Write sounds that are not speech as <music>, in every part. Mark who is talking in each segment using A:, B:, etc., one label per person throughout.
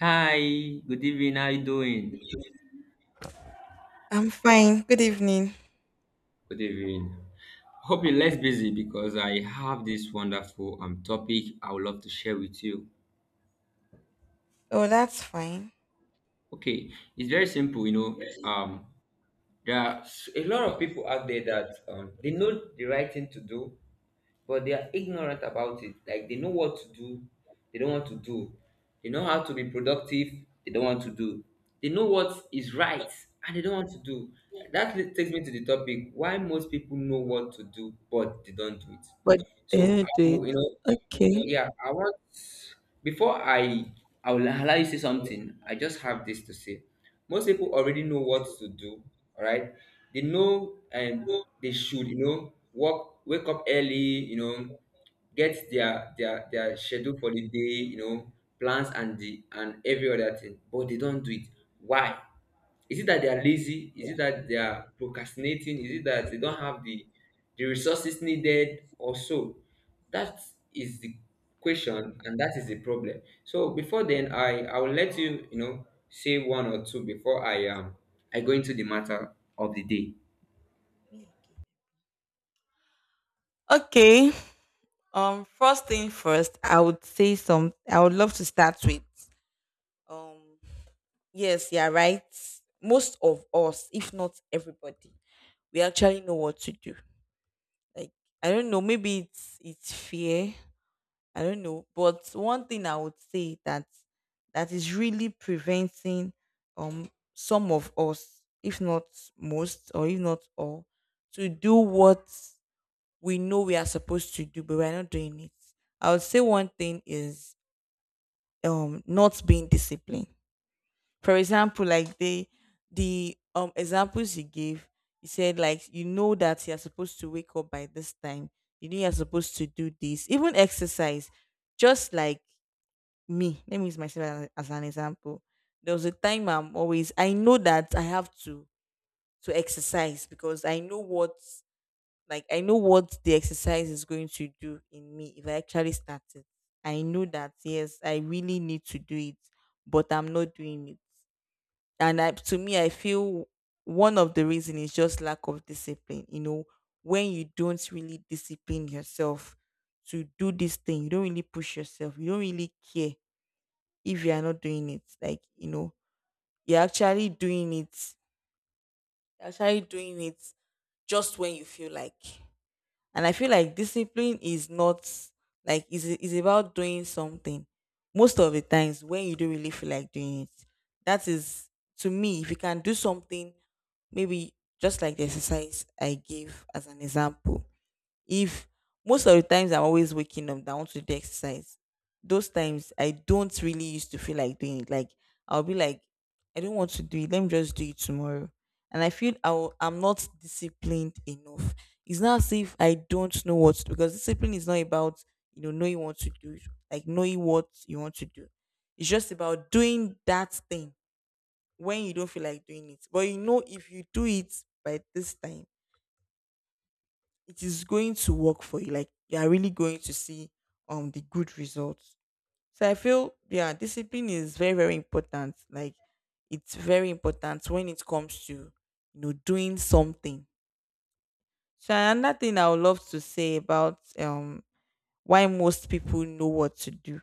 A: Hi, good evening. How you doing?
B: I'm fine. Good evening.
A: Good evening. Hope you're less busy because I have this wonderful topic I would love to share with you.
B: Oh, that's fine.
A: Okay, it's very simple, you know. There are a lot of people out there that they know the right thing to do, but they are ignorant about it. Like they know what to do, they don't want to do. They know how to be productive, they don't want to do. They know what is right and they don't want to do. That takes me to the topic why most people know what to do but they don't do it.
B: But they
A: So I
B: don't do it.
A: will, you know
B: Okay.
A: yeah, I want before I will allow you to say something, I just have this to say. Most people already know what to do, all right? They know and they should, you know, work wake up early, you know, get their their schedule for the day, you know, plans and the and every other thing, but they don't do it. Why? Is it that they are lazy? Is it that they are procrastinating? Is it that they don't have the resources needed or so? That is the question and that is the problem. So before then I will let you, you know, say one or two before I I go into the matter of the day.
B: Okay. First thing first, I would say some. I would love to start with. Um, yes, yeah, right. Most of us, if not everybody, we actually know what to do. Like I don't know, maybe it's fear. I don't know. But one thing I would say that is really preventing some of us, if not most, or if not all, to do what we know we are supposed to do, but we're not doing it. I would say one thing is not being disciplined. For example, like the examples he gave, he said like you know that you're supposed to wake up by this time. You know you're supposed to do this. Even exercise just like me, let me use myself as an example. There was a time I'm always, I know that I have to exercise because I know what, like I know what the exercise is going to do in me if I actually start it. I know that yes, I really need to do it, but I'm not doing it. To me, I feel one of the reason is just lack of discipline, you know. When you don't really discipline yourself to do this thing, you don't really push yourself, you don't really care if you are not doing it. Like, you know, you're actually doing it. You're actually doing it just when you feel like. And I feel like discipline is not like, is about doing something most of the times when you don't really feel like doing it. That is, to me, if you can do something, maybe just like the exercise I gave as an example, if most of the times I'm always waking up that I want to do exercise, those times I don't really used to feel like doing it. Like I'll be like, I don't want to do it. Let me just do it tomorrow. And I feel I'm not disciplined enough. It's not as if I don't know what to do, because discipline is not about, you know, knowing what to do, like knowing what you want to do. It's just about doing that thing when you don't feel like doing it. But you know, if you do it by this time, it is going to work for you. Like you are really going to see the good results. So I feel, yeah, discipline is very very important. Like it's very important when it comes to, you know, doing something. So another thing I would love to say about why most people know what to do,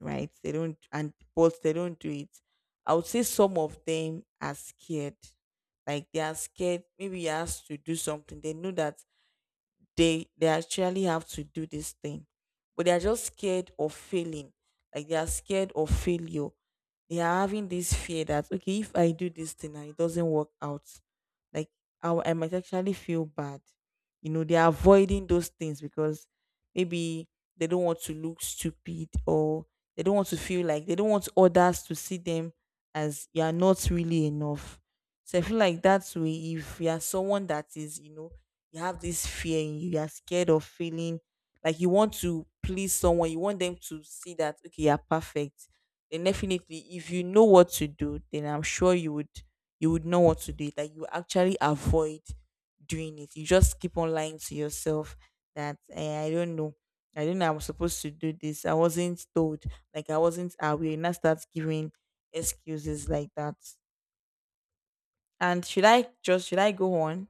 B: right? They don't, and but they don't do it. I would say some of them are scared. Like they are scared. Maybe you asked to do something. They know that they actually have to do this thing, but they are just scared of failing, like they are scared of failure. They are having this fear that, okay, if I do this thing and it doesn't work out, like I might actually feel bad. You know, they are avoiding those things because maybe they don't want to look stupid, or they don't want to feel like, they don't want others to see them as you are not really enough. So I feel like that's way, if you are someone that is, you know, you have this fear in you, you are scared of feeling, like you want to please someone, you want them to see that okay, you are perfect, then definitely if you know what to do, then I'm sure you would, you would know what to do. That you actually avoid doing it. You just keep on lying to yourself that eh, I don't know. I do not know I was supposed to do this. I wasn't told. Like I wasn't aware. And I start giving excuses like that. And should I go on?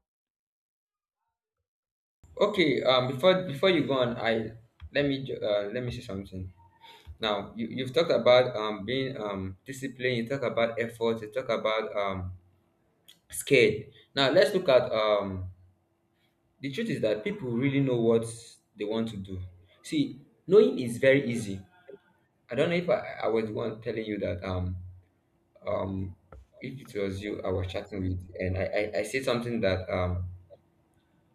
A: Okay, before before you go on, I let me let me say something. Now you, you've talked about being disciplined, you talk about effort, you talk about scared. Now let's look at the truth is that people really know what they want to do. See, knowing is very easy. I don't know if I was the one telling you that um if it was you I was chatting with and I said something that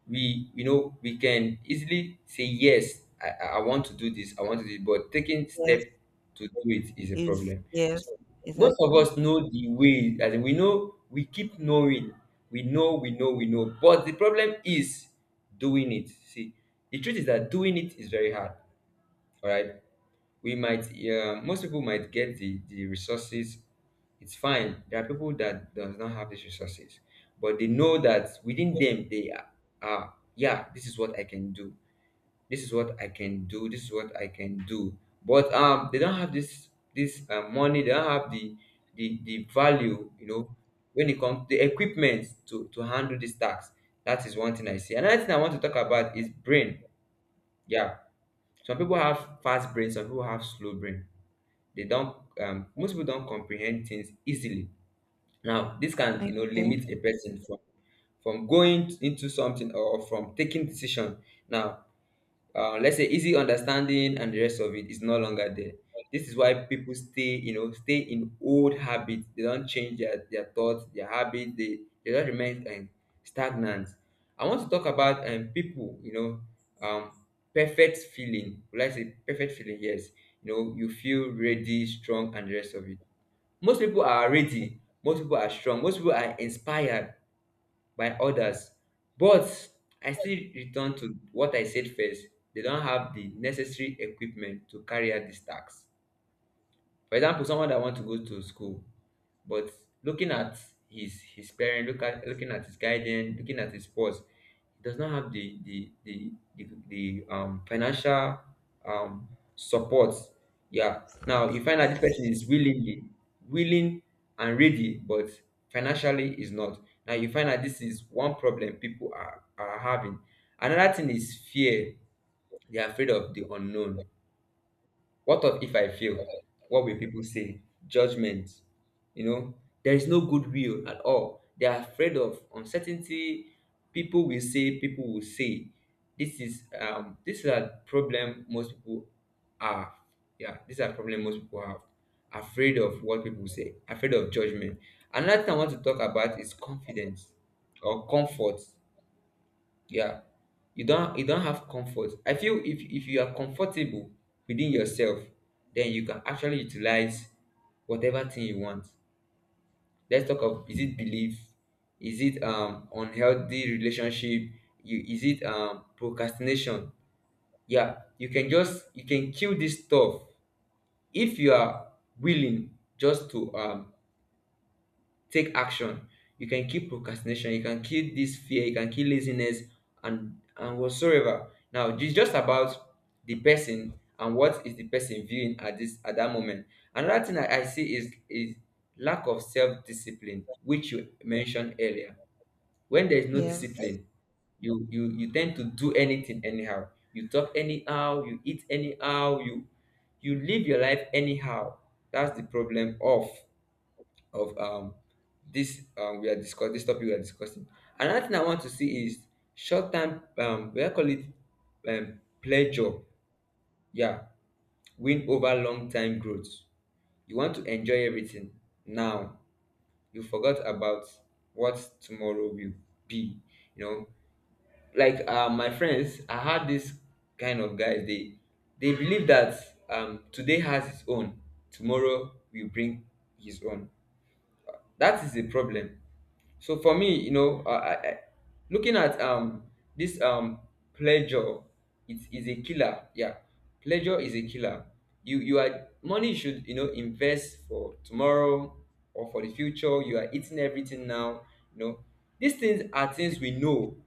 A: we you know we can easily say yes I want to do this I want to do it but taking step
B: Yes,
A: to do it is a
B: is
A: problem, so
B: yes,
A: most of
B: exactly.
A: us know the way. As in we know we keep knowing we know we know we know, but the problem is doing it. See, the truth is that doing it is very hard, all right? We might yeah most people might get the resources. It's fine. There are people that does not have these resources, but they know that within them they are yeah this is what I can do, this is what I can do, this is what I can do, but they don't have this this money. They don't have the value, you know, when it comes the equipment to handle this tax. That is one thing I see. Another thing I want to talk about is brain. Yeah, some people have fast brain, some people have slow brain. They don't most people don't comprehend things easily. Now this can,
B: Okay.
A: you know, limit a person from going into something or from taking decision. Now let's say easy understanding and the rest of it is no longer there. This is why people stay, you know, stay in old habits, they don't change their thoughts, their habits, they don't remain stagnant. I want to talk about people, you know, um, perfect feeling, would I say perfect feeling? Yes, you know, you feel ready, strong, and the rest of it. Most people are ready, most people are strong, most people are inspired by others. But I still return to what I said first, they don't have the necessary equipment to carry out these tasks. For example, someone that want to go to school, but looking at his parent, look at looking at his guidance, looking at his spouse, does not have the financial um support. Yeah. Now
B: Thanks.
A: you find that this
B: Yes.
A: person is willingly willing and ready, but financially is not. Now you find that this is one problem people are having. Another thing is fear. They are afraid of the unknown. What of if I fail? What will people say? Judgment. You know, there is no goodwill at all. They are afraid of uncertainty. People will say, people will say. This is a problem most people have. Yeah, this is a problem most people have. Afraid of what people say, afraid of judgment. Another thing I want to talk about is confidence or comfort. Yeah, you don't have comfort. I feel if you are comfortable within yourself, then you can actually utilize whatever thing you want. Let's talk of, is it belief, is it unhealthy relationship, you is it procrastination? Yeah, you can just you can kill this stuff if you are willing just to take action. You can kill procrastination, you can kill this fear, you can kill laziness and whatsoever. Now it's just about the person and what is the person viewing at this at that moment. Another thing I see is lack of self-discipline which you mentioned earlier. When there is no
B: Yes.
A: discipline, you tend to do anything anyhow, you talk anyhow, you eat anyhow, you live your life anyhow. That's the problem of this we are discuss this topic we are discussing. Another thing I want to see is short term we are call it pleasure. Yeah, win over long time growth. You want to enjoy everything now. You forgot about what tomorrow will be. You know, like my friends, I had this kind of guys. They believe that today has its own, tomorrow will bring his own. That is the problem. So for me, you know, looking at this pleasure, it is a killer. Yeah, pleasure is a killer. You are money should, you know, invest for tomorrow or for the future. You are eating everything now. You know, these things are things we know.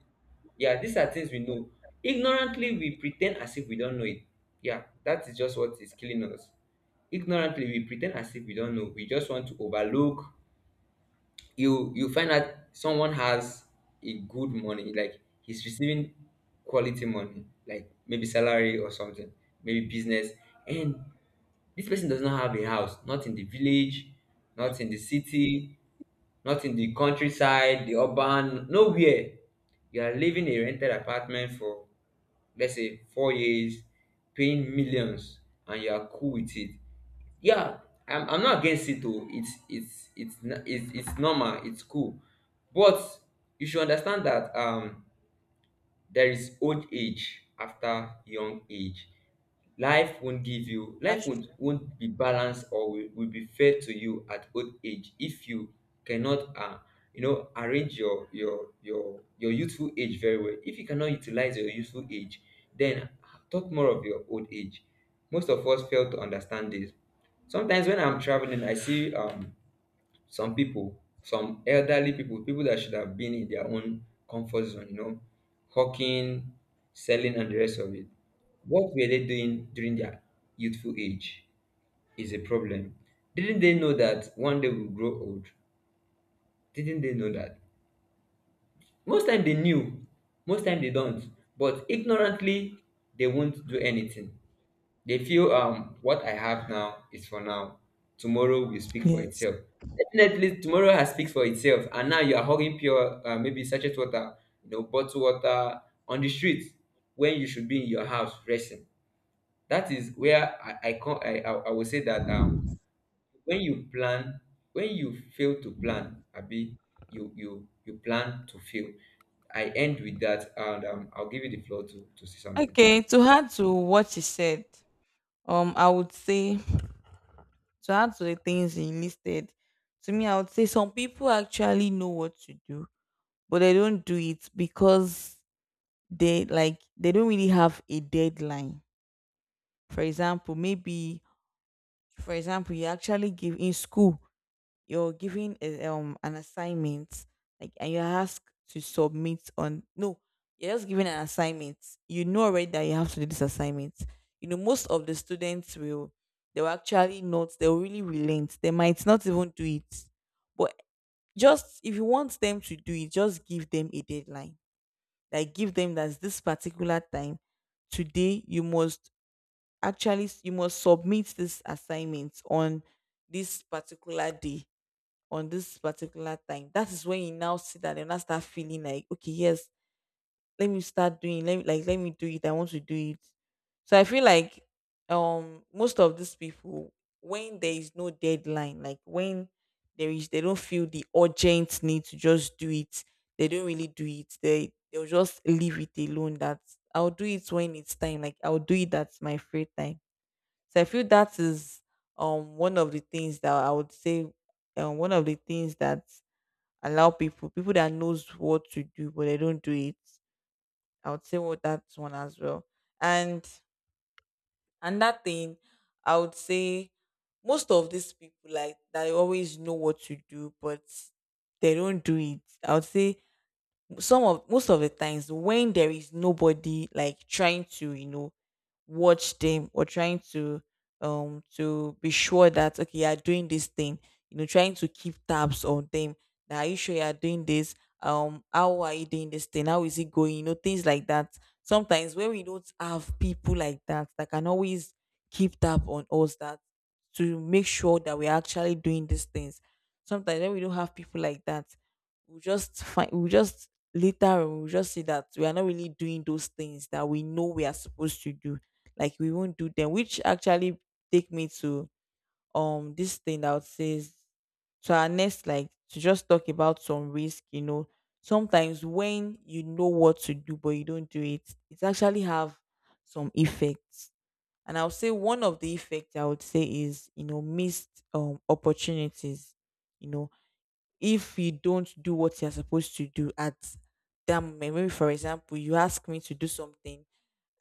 A: Yeah, these are things we know. Ignorantly, we pretend as if we don't know it. Yeah, that is just what is killing us. Ignorantly, we pretend as if we don't know. We just want to overlook, you find out someone has a good money, like he's receiving quality money like maybe salary or something, maybe business, and this person does not have a house, not in the village, not in the city, not in the countryside, the urban, nowhere. You are living a rented apartment for, let's say, 4 years, paying millions, and you are cool with it. Yeah, I'm not against it, though. It's it's normal, it's cool. But you should understand that there is old age after young age. Life won't give you, life
B: That's true.
A: won't be balanced, or will be fair to you at old age if you cannot you know, arrange your youthful age very well. If you cannot utilize your youthful age, then talk more of your old age. Most of us fail to understand this. Sometimes when I'm traveling I see some people, some elderly people, people that should have been in their own comfort zone, you know, hawking, selling, and the rest of it. What were they doing during their youthful age is a problem. Didn't they know that one day we'll grow old? Didn't they know that? Most time they knew, most time they don't. But ignorantly, they won't do anything. They feel what I have now is for now. Tomorrow will speak for
B: Yes.
A: itself. Definitely, tomorrow has speaks for itself, and now you are hugging pure maybe sachet water, you know, bottled water on the street when you should be in your house resting. That is where I I will say that when you plan, when you fail to plan, Abi, you plan to fail. I end with that, and I'll give you the floor to say something.
B: Okay, to add to what she said, I would say, to add to the things he listed, to me, I would say some people actually know what to do, but they don't do it because they, like they don't really have a deadline. For example, maybe for example, you actually give in school, you're given a, an assignment, like, and you're asked to submit on, no, you're just given an assignment. You know already that you have to do this assignment. You know most of the students will, they will actually not, they'll really relent, they might not even do it. But just if you want them to do it, just give them a deadline. Like give them that this particular time today, you must, actually you must submit this assignment on this particular day, on this particular time. That is when you now sit down and now start feeling like, okay, yes, let me start doing, let me, like let me do it. I want to do it. So I feel like most of these people, when there is no deadline, like when there is, they don't feel the urgent need to just do it, they don't really do it. They, they'll just leave it alone. That I'll do it when it's time. Like I'll do it at my free time. So I feel that is one of the things that I would say, one of the things that allow people, people that knows what to do but they don't do it, I would say, well, that's one as well. And another thing, I would say most of these people, like they always know what to do but they don't do it. I would say some of, most of the times when there is nobody like trying to, you know, watch them, or trying to be sure that okay, you are doing this thing, you know, trying to keep tabs on them, that are you sure you are doing this, how are you doing this thing, how is it going, you know, things like that. Sometimes when we don't have people like that, that can always keep tab on us, that to make sure that we're actually doing these things, sometimes when we don't have people like that, we just later on, we just see that we are not really doing those things that we know we are supposed to do. Like we won't do them. Which actually take me to this thing that says to our next, like to just talk about some risk. You know, sometimes when you know what to do but you don't do it, it actually have some effects. And I'll say one of the effects I would say is, you know, missed opportunities. You know, if you don't do what you're supposed to do at that moment, maybe for example you ask me to do something,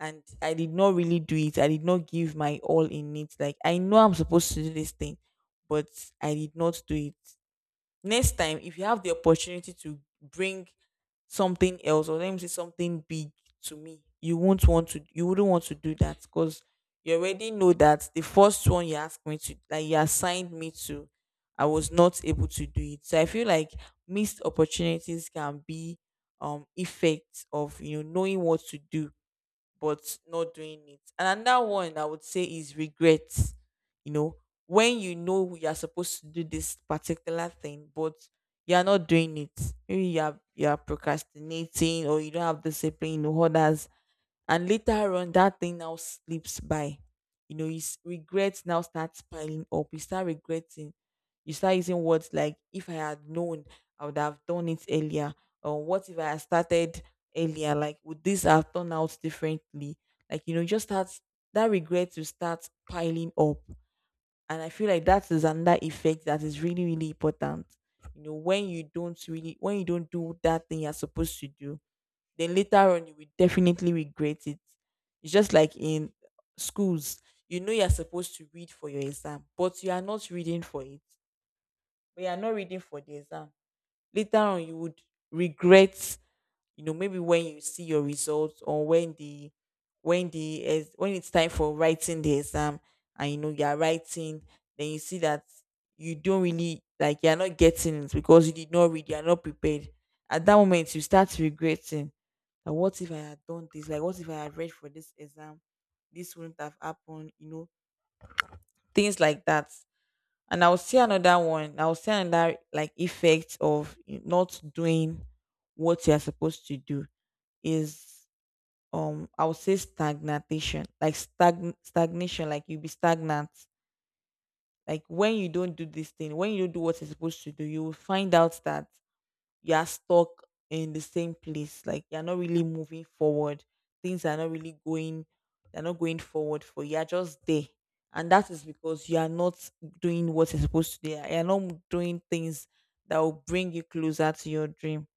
B: and I did not really do it. I did not give my all in it. Like I know I'm supposed to do this thing, but I did not do it. Next time, if you have the opportunity to bring something else, or let me say something big to me, you won't want to. You wouldn't want to do that because you already know that the first one you asked me to, like you assigned me to, I was not able to do it. So I feel like missed opportunities can be effects of, you know, knowing what to do but not doing it. And another one I would say is regrets. You know, when you know you're supposed to do this particular thing, but you're not doing it. Maybe you're procrastinating or you don't have discipline or others, and later on, that thing now slips by. You know, regret now starts piling up. You start regretting. You start using words like, if I had known, I would have done it earlier. Or what if I had started earlier? Like, would this have turned out differently? Like, you know, just starts, that regret will start piling up. And I feel like that is another effect that is really, really important. You know, when you don't really, when you don't do that thing you're supposed to do, then later on you will definitely regret it. It's just like in schools, you know you're supposed to read for your exam, but you are not reading for it. But you are not reading for the exam. Later on, you would regret, you know, maybe when you see your results, or when the, when it's time for writing the exam and you know you're writing, then you see that you don't really, like you're not getting it because you did not read, you're not prepared. At that moment you start regretting that, what if I had done this? Like, what if I had read for this exam? This wouldn't have happened, you know, things like that. And I'll see another one. I'll see another like effect of not doing what you're supposed to do is I would say stagnation, like stagnation, like you'll be stagnant. Like when you don't do this thing, when you don't do what you're supposed to do, you will find out that you are stuck in the same place. Like you're not really moving forward. Things are not really going, they're not going forward for you. You're just there. And that is because you are not doing what you're supposed to do. You're not doing things that will bring you closer to your dream,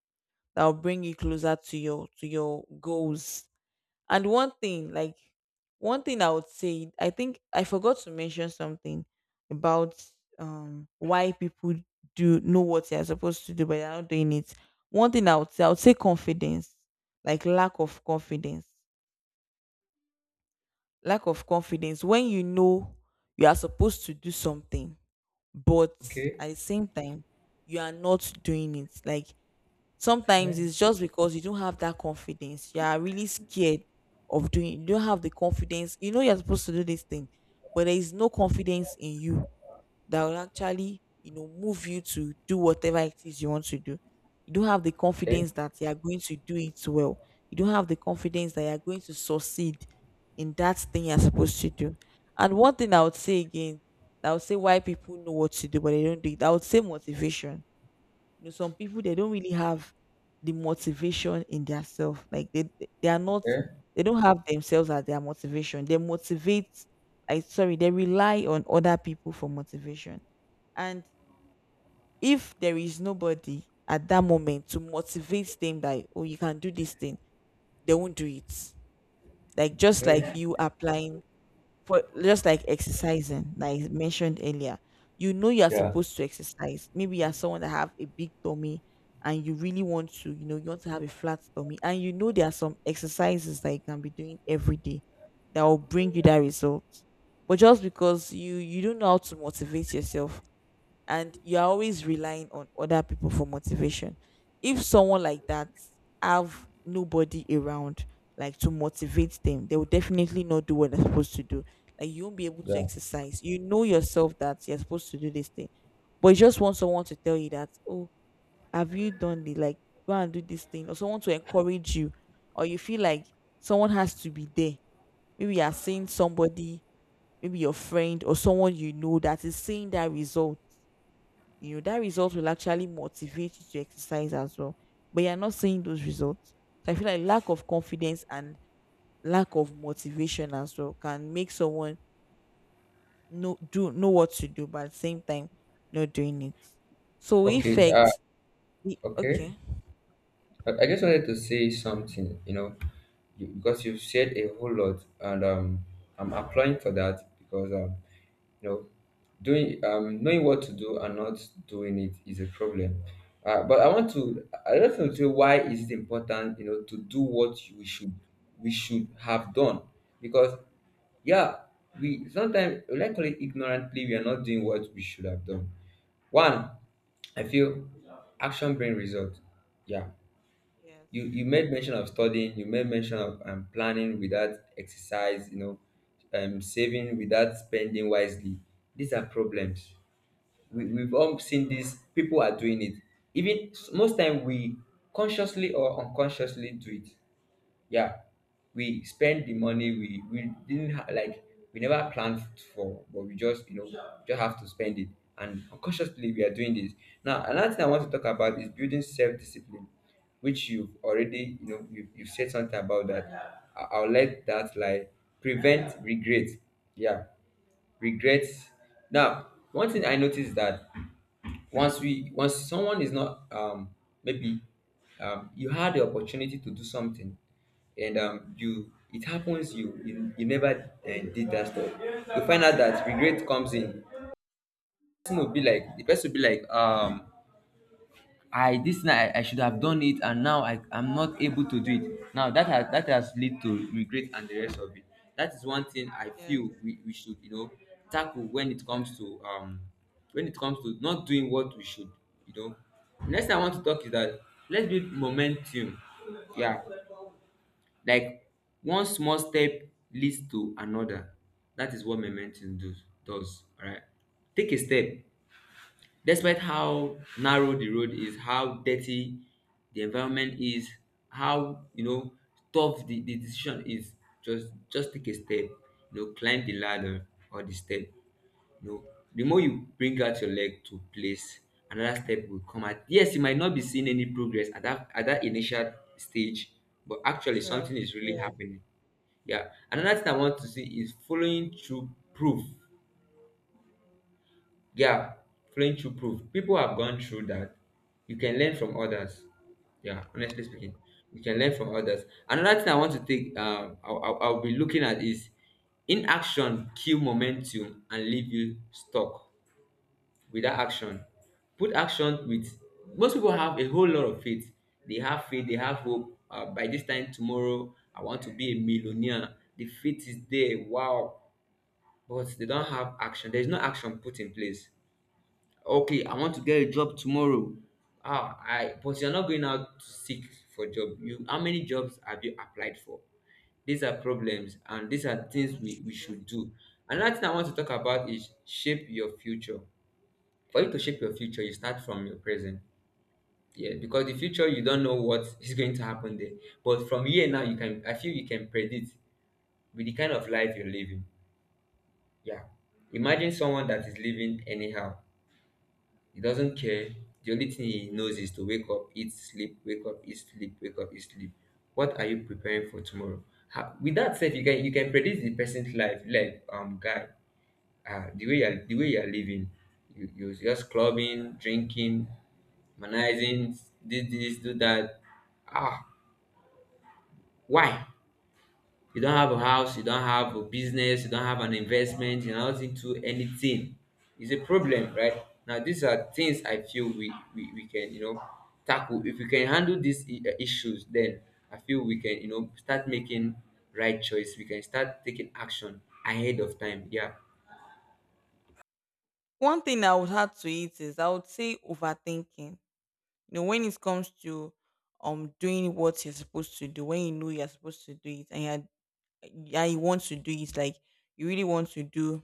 B: that will bring you closer to your goals. And one thing, like one thing I would say, I think I forgot to mention something about why people do know what they are supposed to do but they're not doing it. One thing I would say confidence, like lack of confidence, lack of confidence. When you know you are supposed to do something, but
A: Okay,
B: at the same time you are not doing it, like sometimes
A: okay,
B: it's just because you don't have that confidence. You are really scared of doing. You don't have the confidence. You know you're supposed to do this thing, but there is no confidence in you that really, you know, move you to do whatever it is you want to do. You don't have the
A: okay,
B: confidence that you are going to do it well. You don't have the confidence that you are going to succeed in that thing you're supposed to do. And one thing I would say again, I would say why people know what to do but they don't do it. I would say motivation. You know, some people they don't really have the motivation in their self. Like they are not,
A: okay,
B: they don't have themselves as their motivation. They motivate, like sorry, they rely on other people for motivation. And if there is nobody at that moment to motivate them that, oh, you can do this thing, they won't do it. Like just like
A: okay.
B: you applying for, just like exercising, like mentioned earlier, you know you are
A: Yeah.
B: supposed to exercise. Maybe you are someone that have a big tummy and you really want to, you know, you want to have a flat tummy, and you know there are some exercises that you can be doing every day that will bring you that result. But just because you don't know how to motivate yourself and you're always relying on other people for motivation. If someone like that have nobody around like to motivate them, they will definitely not do what they're supposed to do. Like you won't be able to
A: Yeah.
B: exercise. You know yourself that you're supposed to do this thing, but you just want someone to tell you that, oh, have you done the, like, go and do this thing, or someone to encourage you, or you feel like someone has to be there. Maybe you are seeing somebody, maybe your friend or someone you know that is seeing that result, you know that result will actually motivate you to exercise as well, but you're not seeing those results. So I feel like lack of confidence and lack of motivation as well can make someone know, do know what to do but at the same time not doing it. So
A: Okay.
B: effect, the,
A: Okay.
B: okay.
A: I just wanted to say something, you know, you, because you've said a whole lot, and I'm applying for that because you know, doing knowing what to do and not doing it is a problem. But I want to, I just want to say why is it important, you know, to do what we should have done, because yeah, we sometimes we like call it ignorantly we are not doing what we should have done. One, I feel action bring result. Yeah.
B: Yes.
A: You made mention of studying, you made mention of planning without exercise, you know, saving without spending wisely. These are problems. We, we've all seen this. People are doing it. Most time we consciously or unconsciously do it, yeah. We spend the money we didn't ha- like we never planned for, but we just, just have to spend it, and unconsciously we are doing this. Now another thing I want to talk about is building self-discipline, which you've already, you've said something about that. I'll let that lie. Prevent regret. Yeah. Regrets. Now one thing I noticed that once someone is not, maybe, you had the opportunity to do something, and you, it happens, you never did that stuff, you find out that regret comes in. Person will be like the person will be like, I, this thing, I should have done it, and now I'm not able to do it. Now that has led to regret and the rest of it. That is one thing I
B: Yes.
A: feel we should, you know, tackle when it comes to when it comes to not doing what we should, you know. Next thing I want to talk is that let's build momentum. Yeah. Like one small step leads to another. That is what does. All right. Take a step. Despite how narrow the road is, how dirty the environment is, how, you know, tough the decision is, just take a step, you know, climb the ladder or the step. You know, the more you bring out your leg to place, another step will come out. Yes, you might not be seeing any progress at that initial stage, but actually
B: Sure.
A: something is really
B: Yeah.
A: happening. Yeah. Another thing I want to see is following through proof, yeah, flowing through proof. People have gone through that. You can learn from others. Yeah, honestly speaking, you can learn from others. Another thing I want to take, I'll be looking at is inaction kill momentum and leave you stuck without action. Put action with. Most people have a whole lot of faith. They have faith. They have hope. By this time tomorrow, I want to be a millionaire. The faith is there. Wow, but they don't have action. There is no action put in place. Okay, I want to get a job tomorrow. Ah, I, but you're not going out to seek for job. You, how many jobs have you applied for? These are problems, and these are things
B: That's
A: we
B: true.
A: should do. Another thing I want to talk about is shape your future. For you to shape your future, you start from your present. Yeah, because the future, you don't know what <laughs> is going to happen there, but from here now you can, I feel you can predict with the kind of life you're living. Yeah. Imagine someone that is living anyhow. He doesn't care. The only thing he knows is to wake up, eat, sleep, wake up, eat, sleep, wake up, eat, sleep. What are you preparing for tomorrow? With that said, you can predict the person's life, like, guy, the way you're living. You're just clubbing, drinking, manizing, this, do that. Ah, why? You don't have a house, you don't have a business, you don't have an investment, you're not into anything. It's a problem, right? Now, these are things I feel we can, you know, tackle. If we can handle issues, then I feel we can, you know, start making right choice. We can start taking action ahead of time. Yeah.
B: One thing I would add to it is I would say overthinking. You know, when it comes to doing what you're supposed to do, when you know you're supposed to do it and you're, yeah, you want to do it, like you really want to do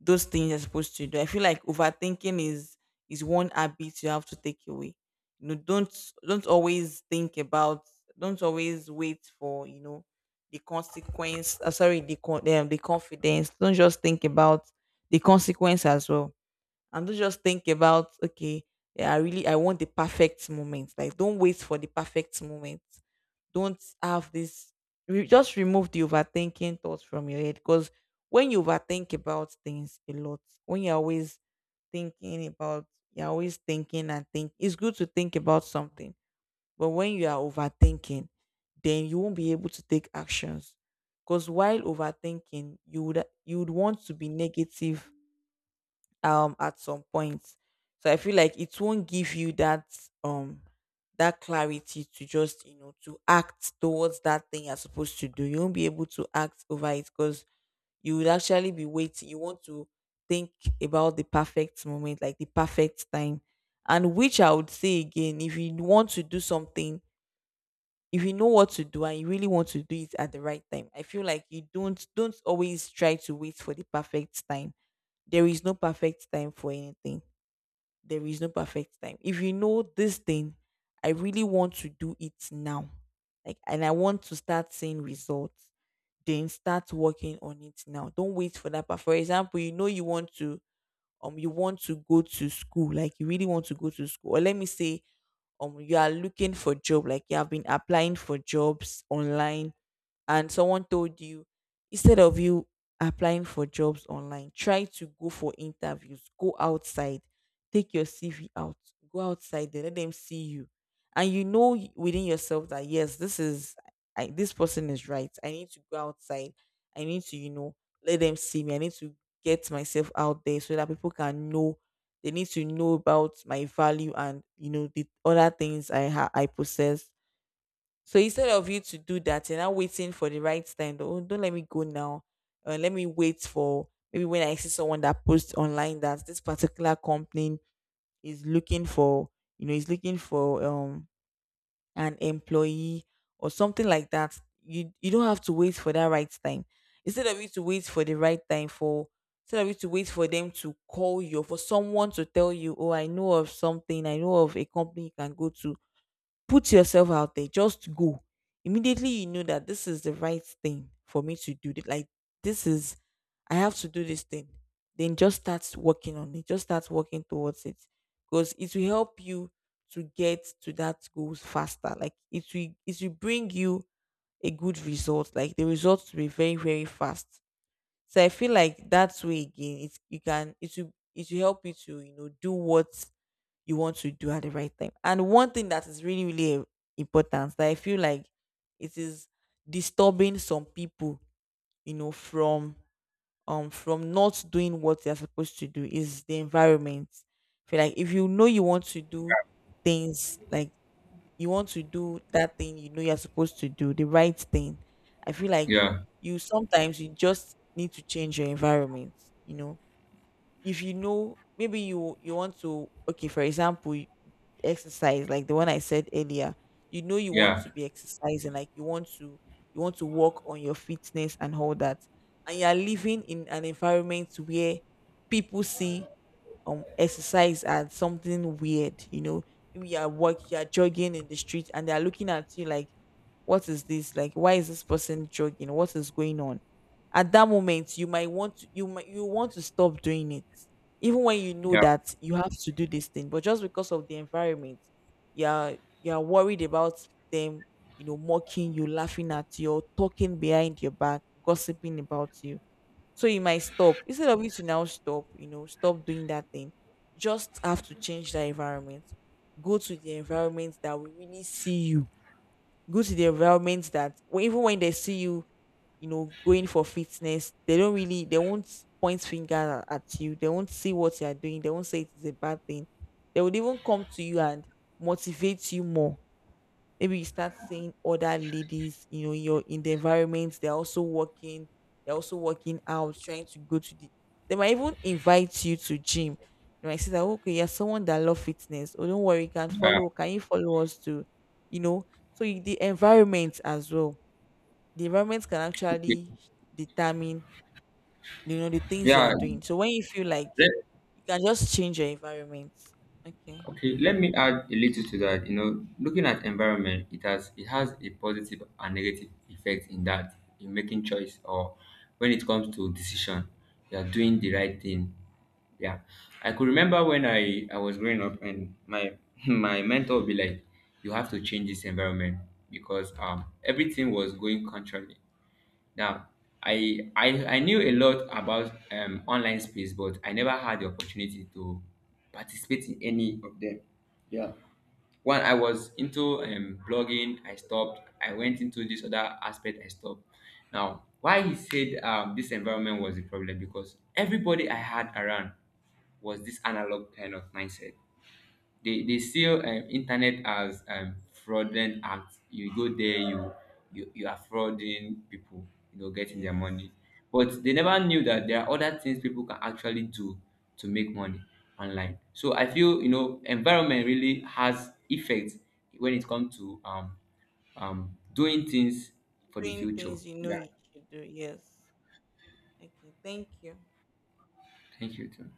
B: those things you're supposed to do, I feel like overthinking is one habit you have to take away. You know, don't always think about, don't always wait for, you know, the consequence, sorry the the confidence, don't just think about the consequence as well, and don't just think about, okay, yeah, I really, I want the perfect moment, like don't wait for the perfect moment. Don't have this, just remove the overthinking thoughts from your head. Because when you overthink about things a lot, when you're always thinking about, you're always thinking and think it's good to think about something, but when you are overthinking, then you won't be able to take actions. Because while overthinking you would, you would want to be negative, at some point. So I feel like it won't give you that um that clarity to just, you know, to act towards that thing you're supposed to do. You won't be able to act over it, because you would actually be waiting, you want to think about the perfect moment, like the perfect time. And which I would say again, if you want to do something, if you know what to do and you really want to do it at the right time, I feel like you don't always try to wait for the perfect time. There is no perfect time for anything. There is no perfect time. If you know this thing, I really want to do it now. Like, and I want to start seeing results, then start working on it now. Don't wait for that. But for example, you know you want to, you want to go to school, like you really want to go to school. Or let me say, you are looking for job, like you have been applying for jobs online, and someone told you, instead of you applying for jobs online, try to go for interviews, go outside, take your CV out, go outside there, let them see you. And you know within yourself that, yes, this is, I, this person is right. I need to go outside, I need to, you know, let them see me. I need to get myself out there so that people can know, they need to know about my value, and you know the other things I I possess. So instead of you to do that, you're now waiting for the right time. Oh, don't let me go now. Let me wait for maybe when I see someone that posts online that this particular company is looking for, you know, is looking for an employee or something like that. You don't have to wait for that right time. Instead of you to wait for the right time for, instead of you to wait for them to call you or for someone to tell you, oh, I know of something, I know of a company you can go to. Put yourself out there. Just go. Immediately you know that this is the right thing for me to do. Like, this is, I have to do this thing. Then just start working on it. Just start working towards it. Because it will help you to get to that goals faster. Like it will, it will bring you a good result. Like the results will be very, very fast. So I feel like that way again, it, you can, it will, it will help you to, you know, do what you want to do at the right time. And one thing that is really, really important, that I feel like it is disturbing some people, you know, from not doing what they're supposed to do is the environment. Feel like if you know you want to do things like, you want to do that thing you know you're supposed to do, the right thing. I feel like
A: Yeah,
B: you, sometimes you just need to change your environment. You know, if you know maybe you, you want to, okay, for example, exercise, like the one I said earlier, you know you want
A: yeah,
B: to be exercising, like you want to, you want to work on your fitness and all that. And you're living in an environment where people see exercise as something weird, you know. Maybe you're at work, you're jogging in the street and they're looking at you like, what is this? Like, why is this person jogging? What is going on? At that moment, you might want to, you might, you want to stop doing it. Even when you know
A: yeah,
B: that you have to do this thing. But just because of the environment, you're worried about them, you know, mocking you, laughing at you, or talking behind your back, gossiping about you, so you might stop. Instead of you to now stop, you know, stop doing that thing. Just have to change the environment. Go to the environment that will really see you. Go to the environment that even when they see you, you know, going for fitness, they don't really, they won't point finger at you. They won't see what you are doing. They won't say it is a bad thing. They would even come to you and motivate you more. Maybe you start seeing other ladies, you know, in your, in the environment, they're also working out, trying to go to the, they might even invite you to gym. They might say that, okay, you're someone that love fitness. Oh, don't worry, you can
A: yeah.
B: follow, can you follow us too? You know, so you, the environment as well. The environment can
A: Okay.
B: actually determine, you know, the things you are
A: Yeah,
B: doing. So when you feel like
A: Let,
B: you can just change your environment. Okay.
A: Okay, let me add a little to that. You know, looking at environment, it has, it has a positive and negative effect in that, in making choice, or when it comes to decision, you are doing the right thing. Yeah, I could remember when I was growing up, and my <laughs> my mentor would be like, you have to change this environment because everything was going contrary. Now, I knew a lot about, online space, but I never had the opportunity to participate in any of them. Yeah. One, I was into, blogging. I stopped. I went into this other aspect. I stopped. Now, why he said, this environment was the problem, because everybody I had around was this analog kind of mindset. They sell, internet as, fraudulent act. You go there, you are frauding people, you know, getting their
B: Yes.
A: money. But they never knew that there are other things people can actually do to make money online. So I feel, you know, environment really has effect when it comes to, doing things for the
B: Doing
A: future.
B: things you know you should do. Yes. Okay, thank you.
A: Thank you too.